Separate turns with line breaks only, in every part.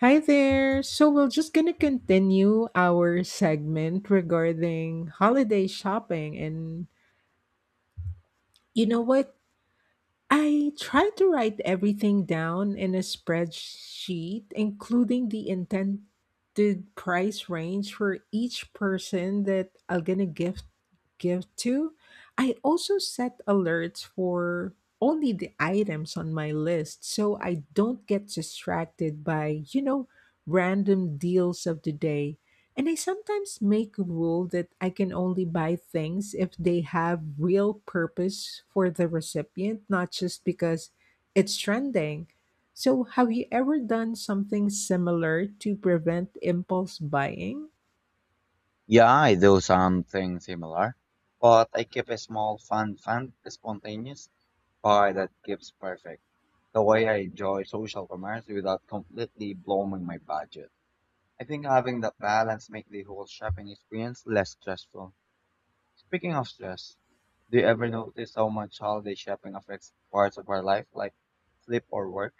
Hi there. So we're just going to continue our segment regarding holiday shopping and you know what? I try to write everything down in a spreadsheet, including the intended price range for each person that I'm gonna give to. I also set alerts for only the items on my list so I don't get distracted by, you know, random deals of the day. And I sometimes make a rule that I can only buy things if they have real purpose for the recipient, not just because it's trending. So, have you ever done something similar to prevent impulse buying?
Yeah, I do something similar, but I keep a small fund, spontaneous pie that keeps perfect. The way I enjoy social commerce without completely blowing my budget. I think having that balance makes the whole shopping experience less stressful. Speaking of stress, do you ever notice how much holiday shopping affects parts of our life, like sleep or work?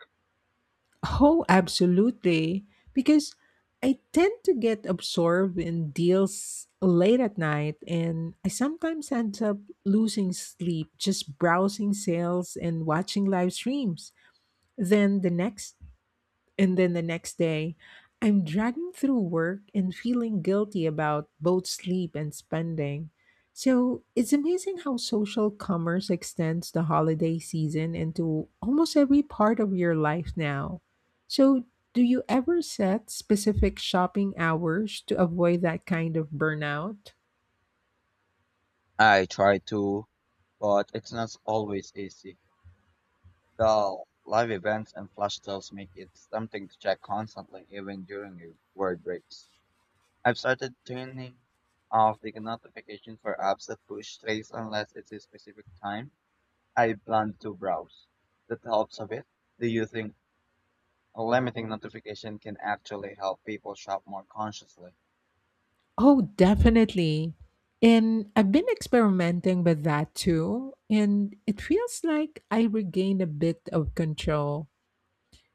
Oh, absolutely. Because I tend to get absorbed in deals late at night, and I sometimes end up losing sleep just browsing sales and watching live streams. Then the next And then the next day, I'm dragging through work and feeling guilty about both sleep and spending. So it's amazing how social commerce extends the holiday season into almost every part of your life now. So, do you ever set specific shopping hours to avoid that kind of burnout?
I try to, but it's not always easy. The live events and flash sales make it something to check constantly, even during your word breaks. I've started turning off the notification for apps that push trace unless it's a specific time I plan to browse. That helps a bit. Do you think limiting notification can actually help people shop more consciously?
Oh, definitely. And I've been experimenting with that too. And it feels like I regained a bit of control.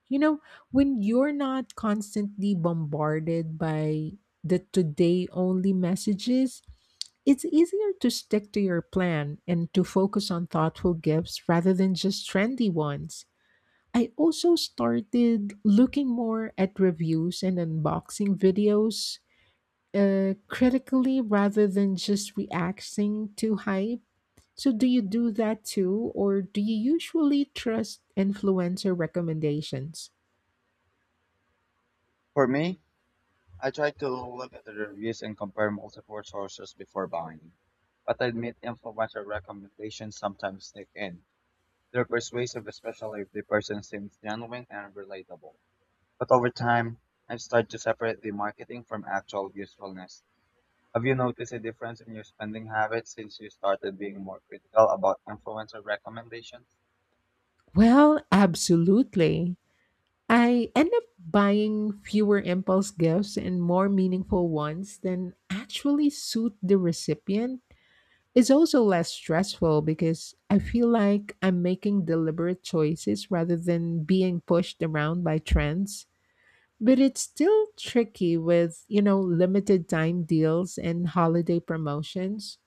You know, when you're not constantly bombarded by the today only messages, it's easier to stick to your plan and to focus on thoughtful gifts rather than just trendy ones. I also started looking more at reviews and unboxing videos critically rather than just reacting to hype. So, do you do that too, or do you usually trust influencer recommendations?
For me, I try to look at the reviews and compare multiple sources before buying. But I admit influencer recommendations sometimes sneak in. They're persuasive, especially if the person seems genuine and relatable. But over time, I've started to separate the marketing from actual usefulness. Have you noticed a difference in your spending habits since you started being more critical about influencer recommendations?
Well, absolutely. I end up buying fewer impulse gifts and more meaningful ones than actually suit the recipient. It's also less stressful because I feel like I'm making deliberate choices rather than being pushed around by trends. But it's still tricky with, you know, limited time deals and holiday promotions.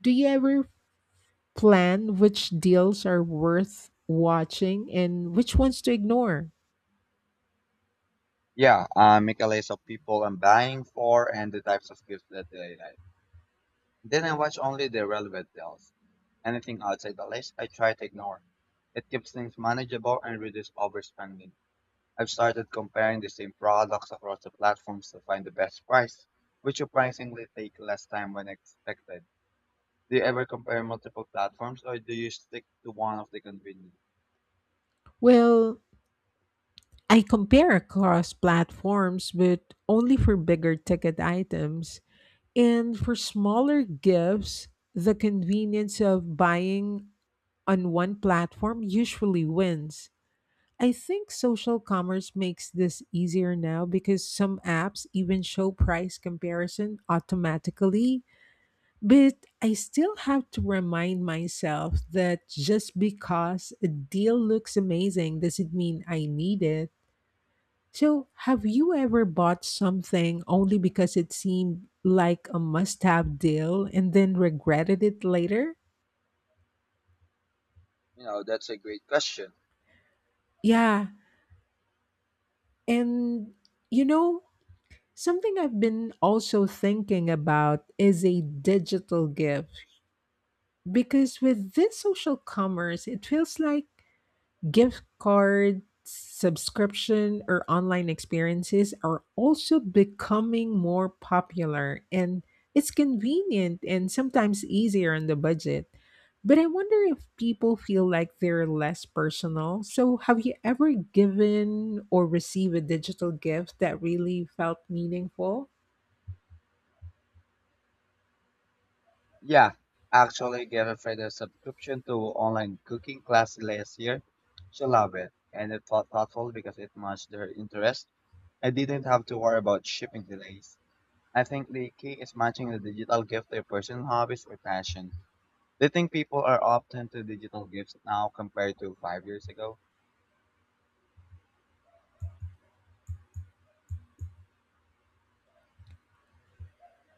Do you ever plan which deals are worth watching and which ones to ignore?
Yeah, I make a list of people I'm buying for and the types of gifts that they like. Then I watch only the relevant deals. Anything outside the list, I try to ignore. It keeps things manageable and reduces overspending. I've started comparing the same products across the platforms to find the best price, which surprisingly take less time than expected. Do you ever compare multiple platforms or do you stick to one of the convenient?
Well, I compare across platforms, but only for bigger ticket items. And for smaller gifts, the convenience of buying on one platform usually wins. I think social commerce makes this easier now because some apps even show price comparison automatically. But I still have to remind myself that just because a deal looks amazing doesn't mean I need it. So, have you ever bought something only because it seemed like a must have deal and then regretted it later?
You know, that's a great question.
Yeah. And, you know, something I've been also thinking about is a digital gift because with this social commerce, it feels like gift cards, subscription, or online experiences are also becoming more popular, and it's convenient and sometimes easier on the budget. But I wonder if people feel like they're less personal. So, have you ever given or received a digital gift that really felt meaningful?
Yeah, actually get offered a subscription to online cooking class last year. She loved it and it felt thoughtful because it matched her interest. I didn't have to worry about shipping delays. I think the key is matching the digital gift to your personal hobbies or passion. Do you think people are often to digital gifts now compared to 5 years ago?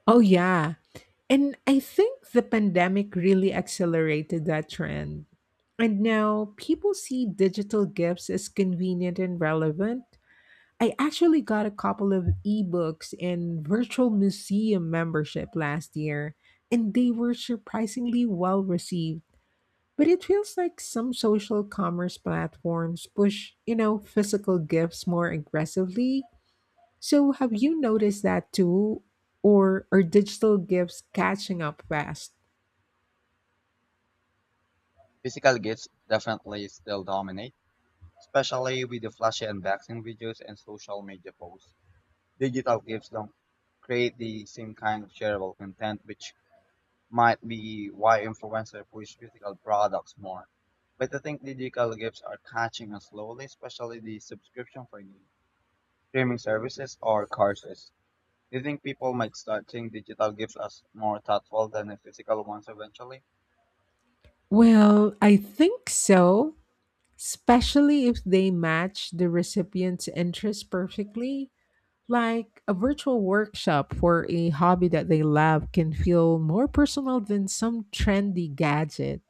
Oh, yeah. And I think the pandemic really accelerated that trend. And now people see digital gifts as convenient and relevant. I actually got a couple of ebooks and virtual museum membership last year, and they were surprisingly well received. But it feels like some social commerce platforms push, you know, physical gifts more aggressively. So have you noticed that too? Or are digital gifts catching up fast?
Physical gifts definitely still dominate, especially with the flashy unboxing videos and social media posts. Digital gifts don't create the same kind of shareable content, which might be why influencers push physical products more. But I think digital gifts are catching us slowly, especially the subscription for the streaming services or courses. Do you think people might start seeing digital gifts as more thoughtful than the physical ones eventually?
Well, I think so, especially if they match the recipient's interests perfectly. Like a virtual workshop for a hobby that they love can feel more personal than some trendy gadget.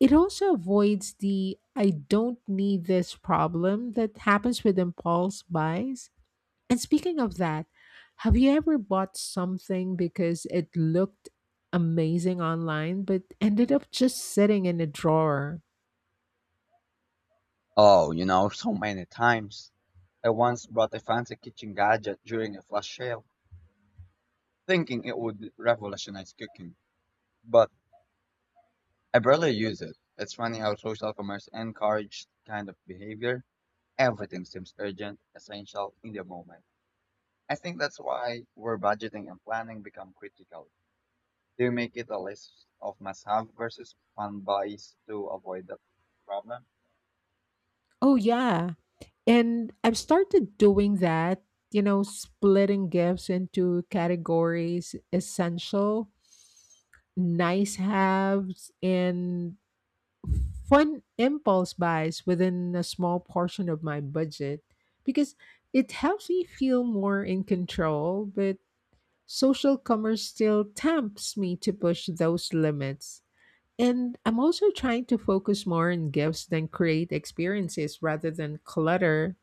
It also avoids the I don't need this problem that happens with impulse buys. And speaking of that, have you ever bought something because it looked amazing online but ended up just sitting in a drawer?
Oh, you know, so many times. I once bought a fancy kitchen gadget during a flash sale, thinking it would revolutionize cooking. But I barely use it. It's funny how social commerce encouraged kind of behavior. Everything seems urgent, essential in the moment. I think that's why where budgeting and planning become critical. Do you make it a list of must have versus fun buys to avoid that problem?
Oh, yeah. And I've started doing that, you know, splitting gifts into categories essential, nice haves, and fun impulse buys within a small portion of my budget because it helps me feel more in control. But social commerce still tempts me to push those limits. And I'm also trying to focus more on gifts than create experiences rather than clutter.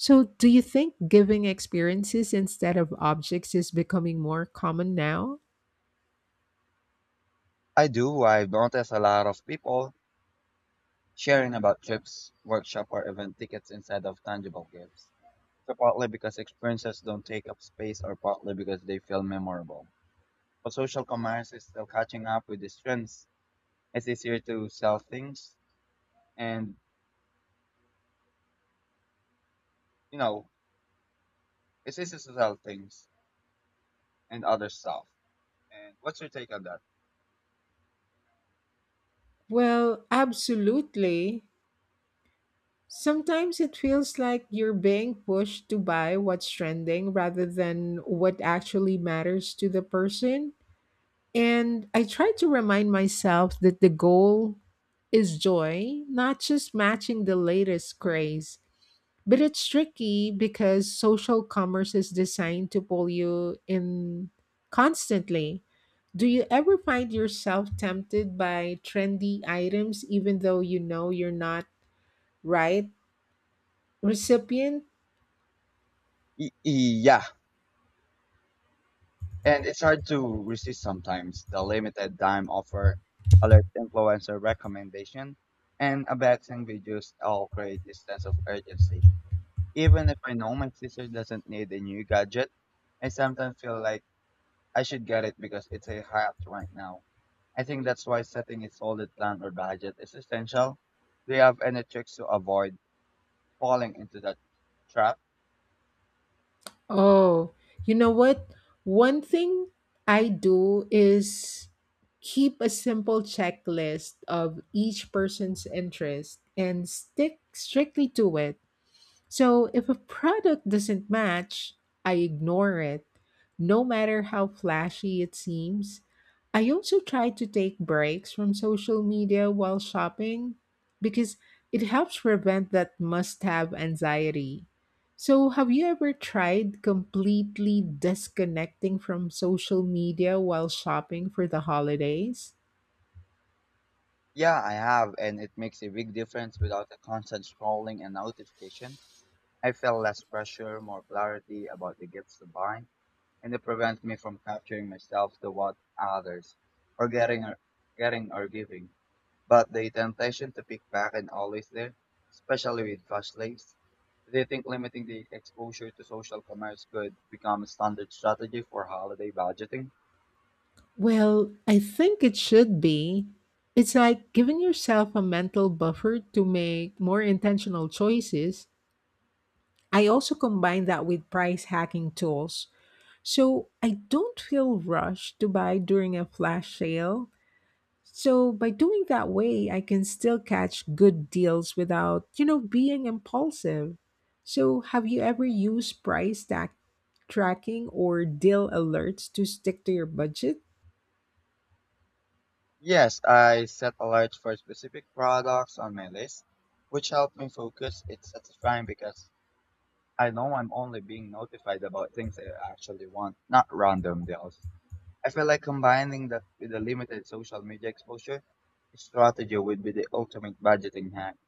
So, do you think giving experiences instead of objects is becoming more common now?
I do. I've noticed a lot of people sharing about trips, workshop, or event tickets instead of tangible gifts. So partly because experiences don't take up space, or partly because they feel memorable. But social commerce is still catching up with these trends. It's easier to sell things, and you know, it's easier to sell things and other stuff. And what's your take on that?
Well, absolutely. Sometimes it feels like you're being pushed to buy what's trending rather than what actually matters to the person. And I try to remind myself that the goal is joy, not just matching the latest craze. But it's tricky because social commerce is designed to pull you in constantly. Do you ever find yourself tempted by trendy items even though you know you're not right recipient?
Yeah, and it's hard to resist sometimes. The limited time offer, alert influencer recommendation, and abasing videos all create this sense of urgency. Even if I know my sister doesn't need a new gadget, I sometimes feel like I should get it because it's a hype right now. I think that's why setting a solid plan or budget is essential. Do you have any tricks to avoid falling into that trap?
Oh, you know what? One thing I do is keep a simple checklist of each person's interest and stick strictly to it. So if a product doesn't match, I ignore it, no matter how flashy it seems. I also try to take breaks from social media while shopping because it helps prevent that must have anxiety. So, have you ever tried completely disconnecting from social media while shopping for the holidays?
Yeah, I have, and it makes a big difference without the constant scrolling and notification. I felt less pressure, more clarity about the gifts to buy, and it prevents me from capturing myself to what others or getting or giving. But the temptation to pick back and always there, especially with fast lanes. They think limiting the exposure to social commerce could become a standard strategy for holiday budgeting.
Well, I think it should be. It's like giving yourself a mental buffer to make more intentional choices. I also combine that with price hacking tools. So I don't feel rushed to buy during a flash sale. So by doing that way, I can still catch good deals without, you know, being impulsive. So have you ever used tracking or deal alerts to stick to your budget?
Yes, I set alerts for specific products on my list, which help me focus. It's satisfying because I know I'm only being notified about things I actually want, not random deals. I feel like combining that with a limited social media exposure strategy would be the ultimate budgeting hack.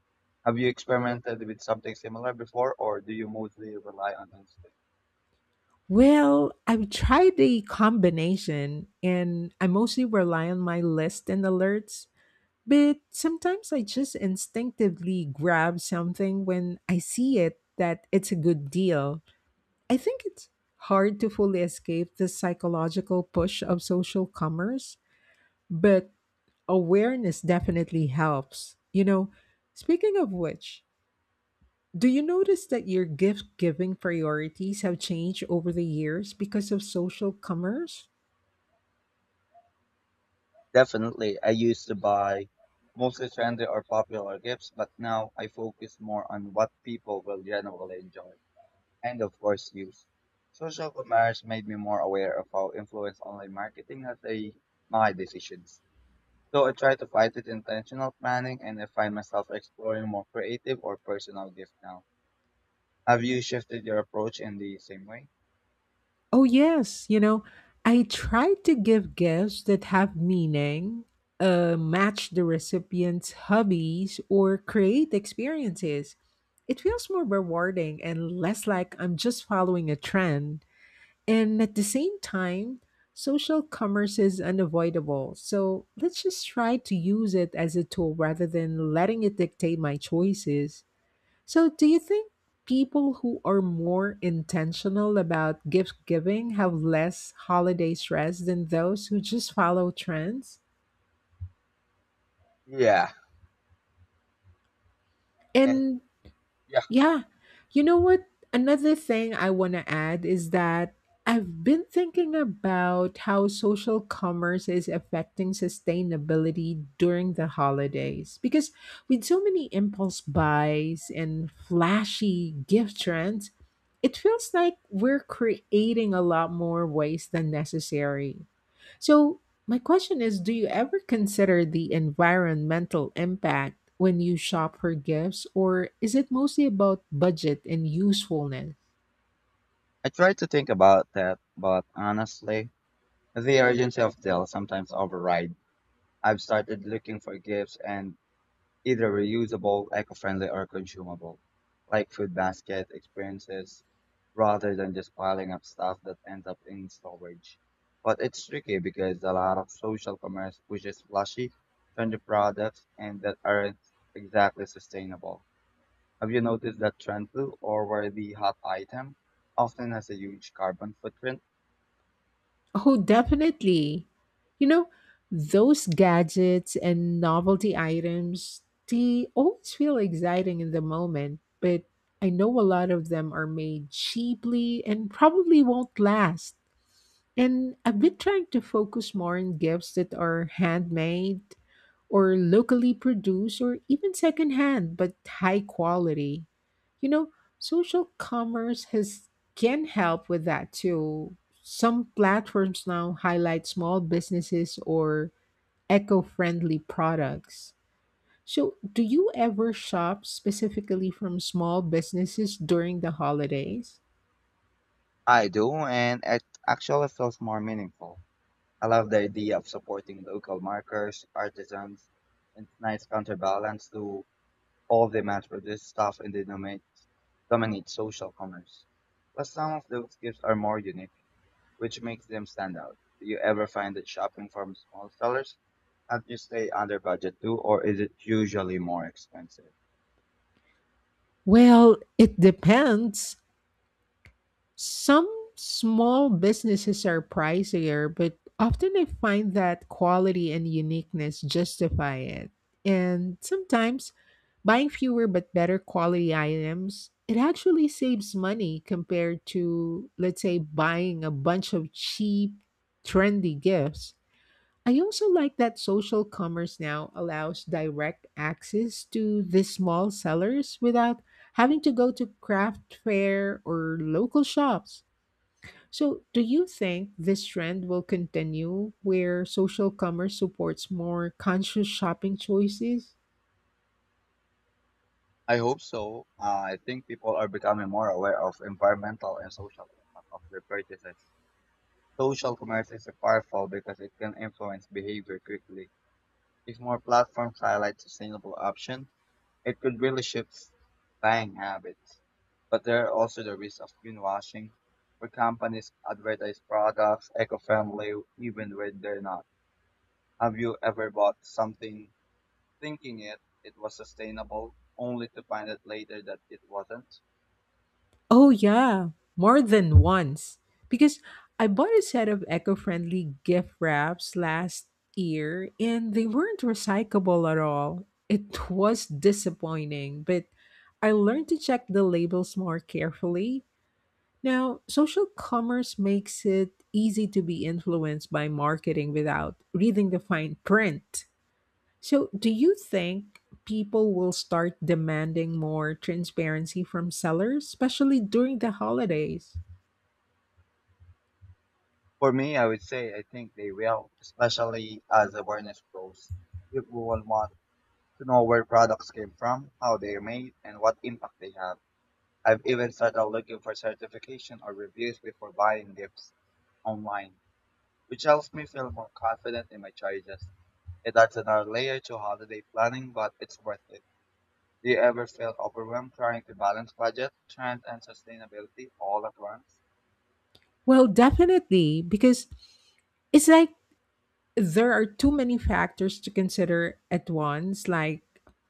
Have you experimented with something similar before, or do you mostly rely on instinct?
Well, I've tried the combination and I mostly rely on my list and alerts, but sometimes I just instinctively grab something when I see it that it's a good deal. I think it's hard to fully escape the psychological push of social commerce, but awareness definitely helps. You know, speaking of which, do you notice that your gift giving priorities have changed over the years because of social commerce?
Definitely, I used to buy mostly trendy or popular gifts, but now I focus more on what people will generally enjoy. And of course news. Social commerce made me more aware of how influence online marketing has a my decisions. So I try to fight with intentional planning and I find myself exploring more creative or personal gifts now. Have you shifted your approach in the same way?
Oh, yes. You know, I try to give gifts that have meaning, match the recipient's hobbies, or create experiences. It feels more rewarding and less like I'm just following a trend. And at the same time, social commerce is unavoidable. So let's just try to use it as a tool rather than letting it dictate my choices. So, do you think people who are more intentional about gift giving have less holiday stress than those who just follow trends?
Yeah. And
And
yeah.
yeah. You know what? Another thing I want to add is that I've been thinking about how social commerce is affecting sustainability during the holidays. Because with so many impulse buys and flashy gift trends, it feels like we're creating a lot more waste than necessary. So, my question is, do you ever consider the environmental impact when you shop for gifts, or is it mostly about budget and usefulness?
I try to think about that, but honestly, the urgency of deal sometimes override. I've started looking for gifts and either reusable, eco-friendly, or consumable, like food basket experiences, rather than just piling up stuff that ends up in storage. But it's tricky because a lot of social commerce pushes flashy, trendy products and that aren't exactly sustainable. Have you noticed that trend too, or where the hot item often has a huge carbon footprint?
Oh, definitely. You know, those gadgets and novelty items, they always feel exciting in the moment, but I know a lot of them are made cheaply and probably won't last. And I've been trying to focus more on gifts that are handmade or locally produced or even secondhand but high quality. You know, social commerce has can help with that too. Some platforms now highlight small businesses or eco-friendly products. So, do you ever shop specifically from small businesses during the holidays?
I do, and it actually feels more meaningful. I love the idea of supporting local markers, artisans, and it's nice counterbalance to all the mass produced stuff in the dominate social commerce. Plus, some of those gifts are more unique, which makes them stand out. Do you ever find that shopping from small sellers helps you stay under budget too, or is it usually more expensive?
Well, it depends. Some small businesses are pricier, but often I find that quality and uniqueness justify it. And sometimes buying fewer but better quality items, it actually saves money compared to, let's say, buying a bunch of cheap, trendy gifts. I also like that social commerce now allows direct access to the small sellers without having to go to craft fair or local shops. So, do you think this trend will continue where social commerce supports more conscious shopping choices?
I hope so. I think people are becoming more aware of environmental and social impact of their purchases. Social commerce is powerful because it can influence behavior quickly. If more platforms highlight sustainable options, it could really shift buying habits. But there are also the risks of greenwashing, where companies advertise products eco-friendly even when they're not. Have you ever bought something thinking it was sustainable, only to find out later that it wasn't?
Oh, yeah, more than once. Because I bought a set of eco friendly gift wraps last year and they weren't recyclable at all. It was disappointing, but I learned to check the labels more carefully. Now, social commerce makes it easy to be influenced by marketing without reading the fine print. So, do you think people will start demanding more transparency from sellers, especially during the holidays?
For me, I would say I think they will, especially as awareness grows. People will want to know where products came from, how they're made, and what impact they have. I've even started looking for certification or reviews before buying gifts online, which helps me feel more confident in my choices. It adds another layer to holiday planning, but it's worth it. Do you ever feel overwhelmed trying to balance budget, trends, and sustainability all at once?
Well, definitely, because it's like there are too many factors to consider at once, like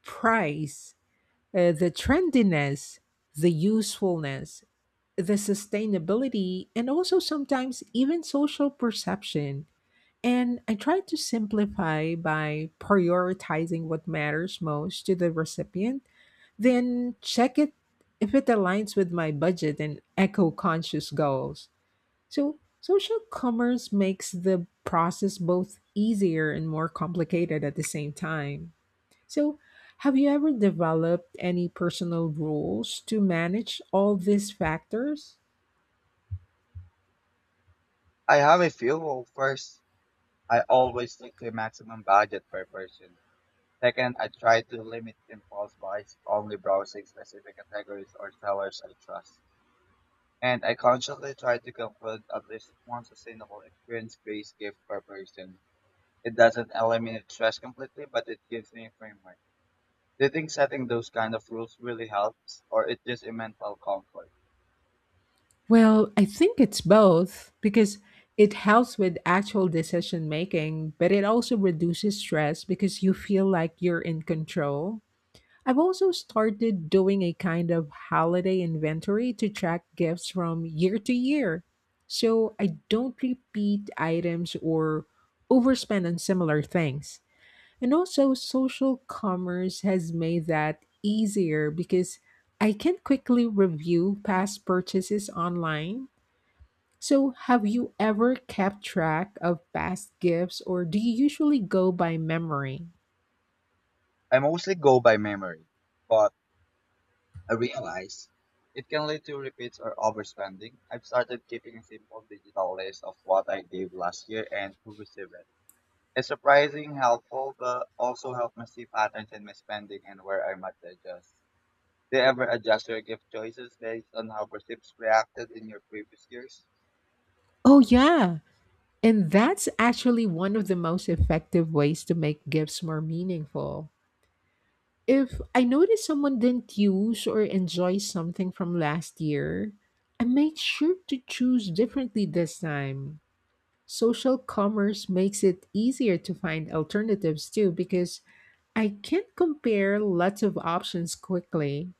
price, the trendiness, the usefulness, the sustainability, and also sometimes even social perception. And I try to simplify by prioritizing what matters most to the recipient, then check it if it aligns with my budget and eco conscious goals. So, social commerce makes the process both easier and more complicated at the same time. So, have you ever developed any personal rules to manage all these factors?
I have a few. Well, first, I always stick to a maximum budget per person. Second, I try to limit impulse buys, only browsing specific categories or sellers I trust. And I consciously try to conclude at least one sustainable experience-based gift per person. It doesn't eliminate stress completely, but it gives me a framework. Do you think setting those kind of rules really helps, or it just a mental comfort?
Well, I think it's both because it helps with actual decision making, but it also reduces stress because you feel like you're in control. I've also started doing a kind of holiday inventory to track gifts from year to year. So I don't repeat items or overspend on similar things. And also, social commerce has made that easier because I can quickly review past purchases online. So, have you ever kept track of past gifts or do you usually go by memory?
I mostly go by memory, but I realize it can lead to repeats or overspending. I've started keeping a simple digital list of what I gave last year and who received it. It's surprising helpful, but also help me see patterns in my spending and where I might adjust. Do you ever adjust your gift choices based on how receipts reacted in your previous years?
Oh, yeah. And that's actually one of the most effective ways to make gifts more meaningful. If I notice someone didn't use or enjoy something from last year, I make sure to choose differently this time. Social commerce makes it easier to find alternatives too because I can't compare lots of options quickly.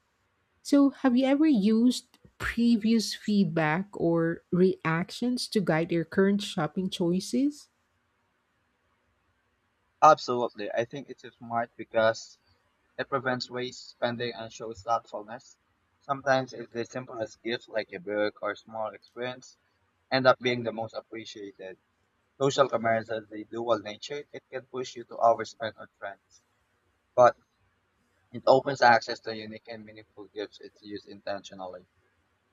So, have you ever used previous feedback or reactions to guide your current shopping choices?
Absolutely. I think it's smart because it prevents waste spending and shows thoughtfulness. Sometimes it's the simplest gifts like a book or small experience end up being the most appreciated. Social commerce has the dual nature. It can push you to overspend on trends. But it opens access to unique and meaningful gifts if used intentionally.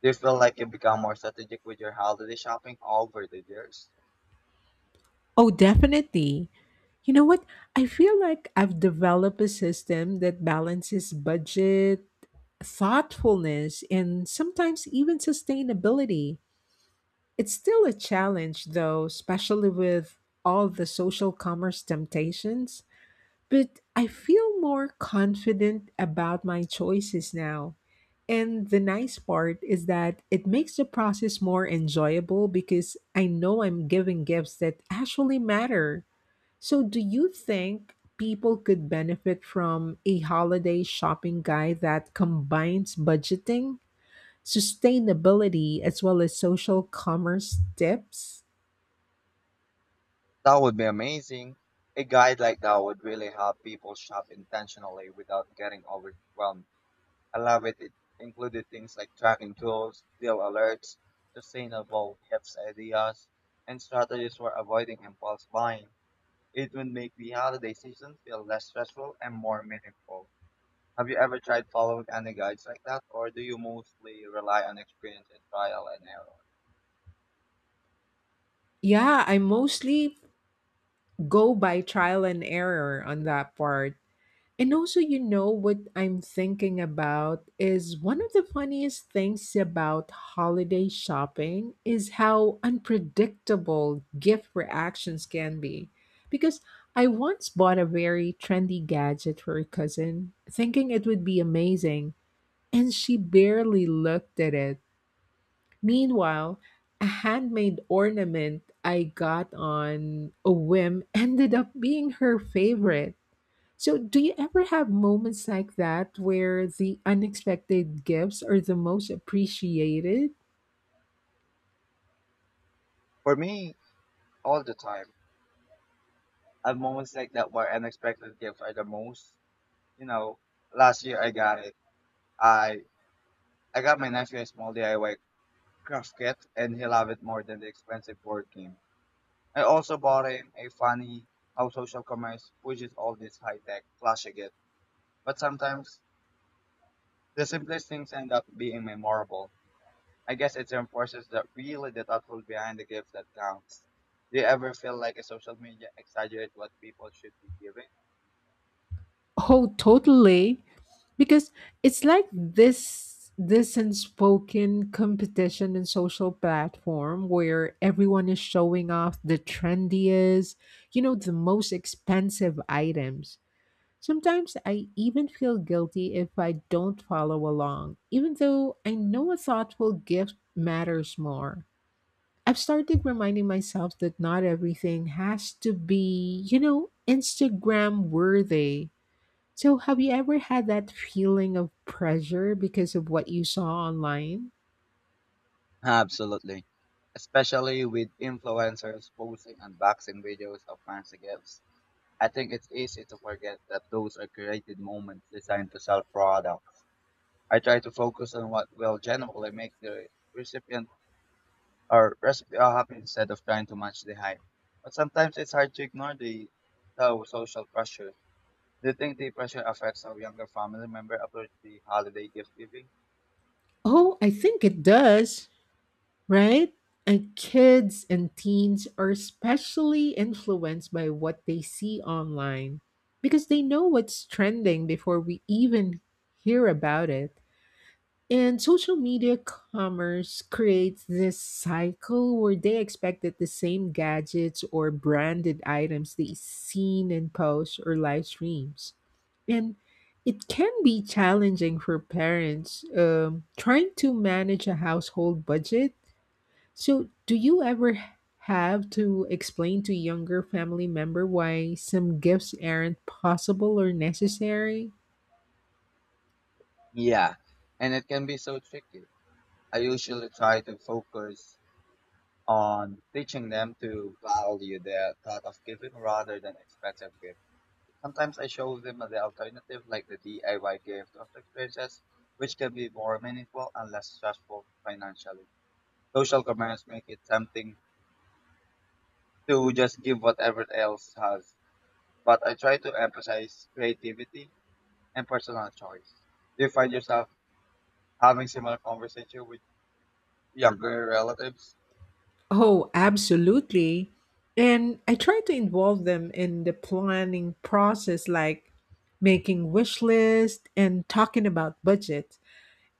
Do you feel like you become more strategic with your holiday shopping over the years?
Oh, definitely. You know what? I feel like I've developed a system that balances budget, thoughtfulness, and sometimes even sustainability. It's still a challenge, though, especially with all the social commerce temptations. But I feel more confident about my choices now. And the nice part is that it makes the process more enjoyable because I know I'm giving gifts that actually matter. So, do you think people could benefit from a holiday shopping guide that combines budgeting, sustainability as well as social commerce tips?
That would be amazing. A guide like that would really help people shop intentionally without getting overwhelmed. I love it. It included things like tracking tools, deal alerts, sustainable gifts ideas, and strategies for avoiding impulse buying. It would make the holiday season feel less stressful and more meaningful. Have you ever tried following any guides like that, or do you mostly rely on experience and trial and error?
Yeah, I mostly go by trial and error on that part. And also, you know, what I'm thinking about is one of the funniest things about holiday shopping is how unpredictable gift reactions can be. Because I once bought a very trendy gadget for a cousin, thinking it would be amazing, and she barely looked at it. Meanwhile, a handmade ornament I got on a whim ended up being her favorite. So, do you ever have moments like that where the unexpected gifts are the most appreciated?
For me, all the time. I have moments like that where unexpected gifts are the most. You know, last year I got it. I I got my nephew a small DIY craft kit, and he loved it more than the expensive board game. I also bought him a funny how social commerce pushes all this high tech flashy gift, but sometimes the simplest things end up being memorable. I guess it reinforces that really the thoughtful behind the gift that counts. Do you ever feel like a social media exaggerate what people should be giving?
Oh, totally. Because it's like this unspoken competition in social platform where everyone is showing off the trendiest, you know, the most expensive items. Sometimes I even feel guilty if I don't follow along, even though I know a thoughtful gift matters more. I've started reminding myself that not everything has to be, you know, Instagram worthy. So, have you ever had that feeling of pressure because of what you saw online?
Absolutely. Especially with influencers posting unboxing videos of fancy gifts. I think it's easy to forget that those are created moments designed to sell products. I try to focus on what will genuinely make the recipient or recipe happy instead of trying to match the hype. But sometimes it's hard to ignore the social pressure. Do you think the pressure affects how younger family members approach the holiday gift giving?
Oh, I think it does, right? And kids and teens are especially influenced by what they see online because they know what's trending before we even hear about it. And social media commerce creates this cycle where they expect that the same gadgets or branded items they seen in posts or live streams. And it can be challenging for parents trying to manage a household budget. So, do you ever have to explain to younger family member why some gifts aren't possible or necessary?
Yeah, and it can be so tricky. I usually try to focus on teaching them to value the thought of giving rather than expensive gifts. Sometimes I show them the alternative like the DIY gift of experiences, which can be more meaningful and less stressful financially. Social commerce make it something to just give whatever else has. But I try to emphasize creativity and personal choice. Do you find yourself having similar conversation with younger relatives?
Oh, absolutely. And I try to involve them in the planning process, like making wish list and talking about budget.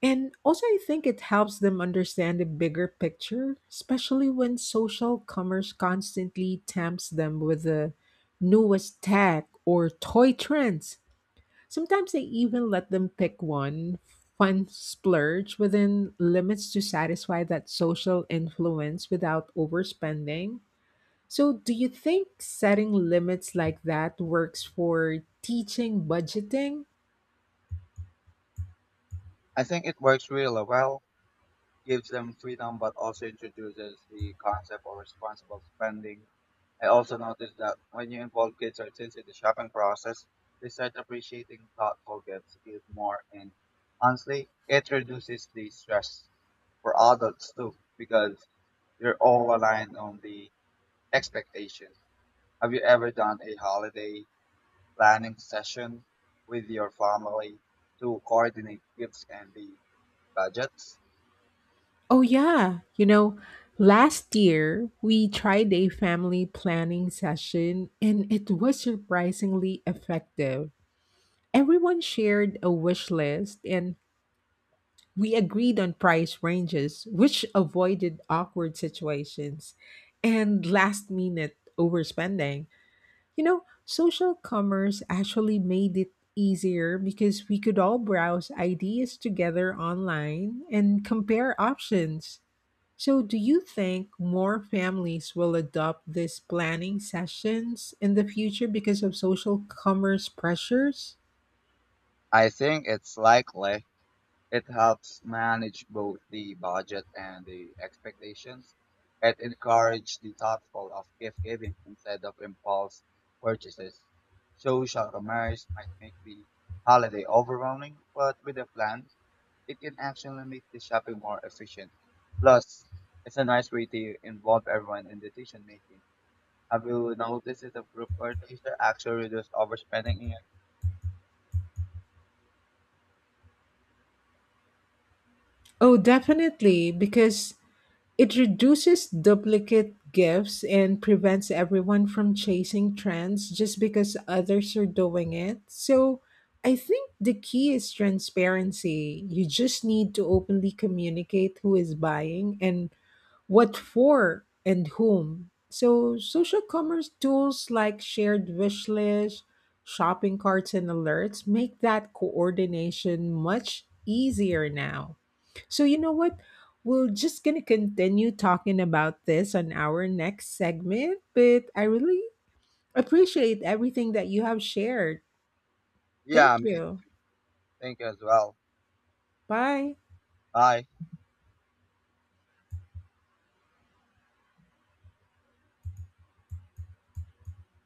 And also, I think it helps them understand the bigger picture, especially when social commerce constantly tempts them with the newest tech or toy trends. Sometimes they even let them pick one fun splurge within limits to satisfy that social influence without overspending. So, do you think setting limits like that works for teaching budgeting?
I think it works really well, gives them freedom, but also introduces the concept of responsible spending. I also noticed that when you involve kids or teens in the shopping process, they start appreciating thoughtful gifts even more. And honestly, it reduces the stress for adults too, because you're all aligned on the expectation. Have you ever done a holiday planning session with your family to coordinate gifts and the budgets?
Oh, yeah. You know, last year we tried a family planning session and it was surprisingly effective. Everyone shared a wish list and we agreed on price ranges, which avoided awkward situations and last minute overspending. You know, social commerce actually made it easier because we could all browse ideas together online and compare options. So, do you think more families will adopt these planning sessions in the future because of social commerce pressures?
I think it's likely it helps manage both the budget and the expectations. It encourages the thoughtful of gift giving instead of impulse purchases. Social commerce might make the holiday overwhelming, but with a plan, it can actually make the shopping more efficient. Plus, it's a nice way to involve everyone in decision making. Have you noticed if the group purchases actually reduce overspending in your?
Oh, definitely, because it reduces duplicate gifts and prevents everyone from chasing trends just because others are doing it. So, I think the key is transparency. You just need to openly communicate who is buying and what for and whom. So, social commerce tools like shared wish lists, shopping carts, and alerts make that coordination much easier now. So, you know what? We're just going to continue talking about this on our next segment, but I really appreciate everything that you have shared. Thank
Yeah, me.
you.
Thank you as well.
Bye.
Bye.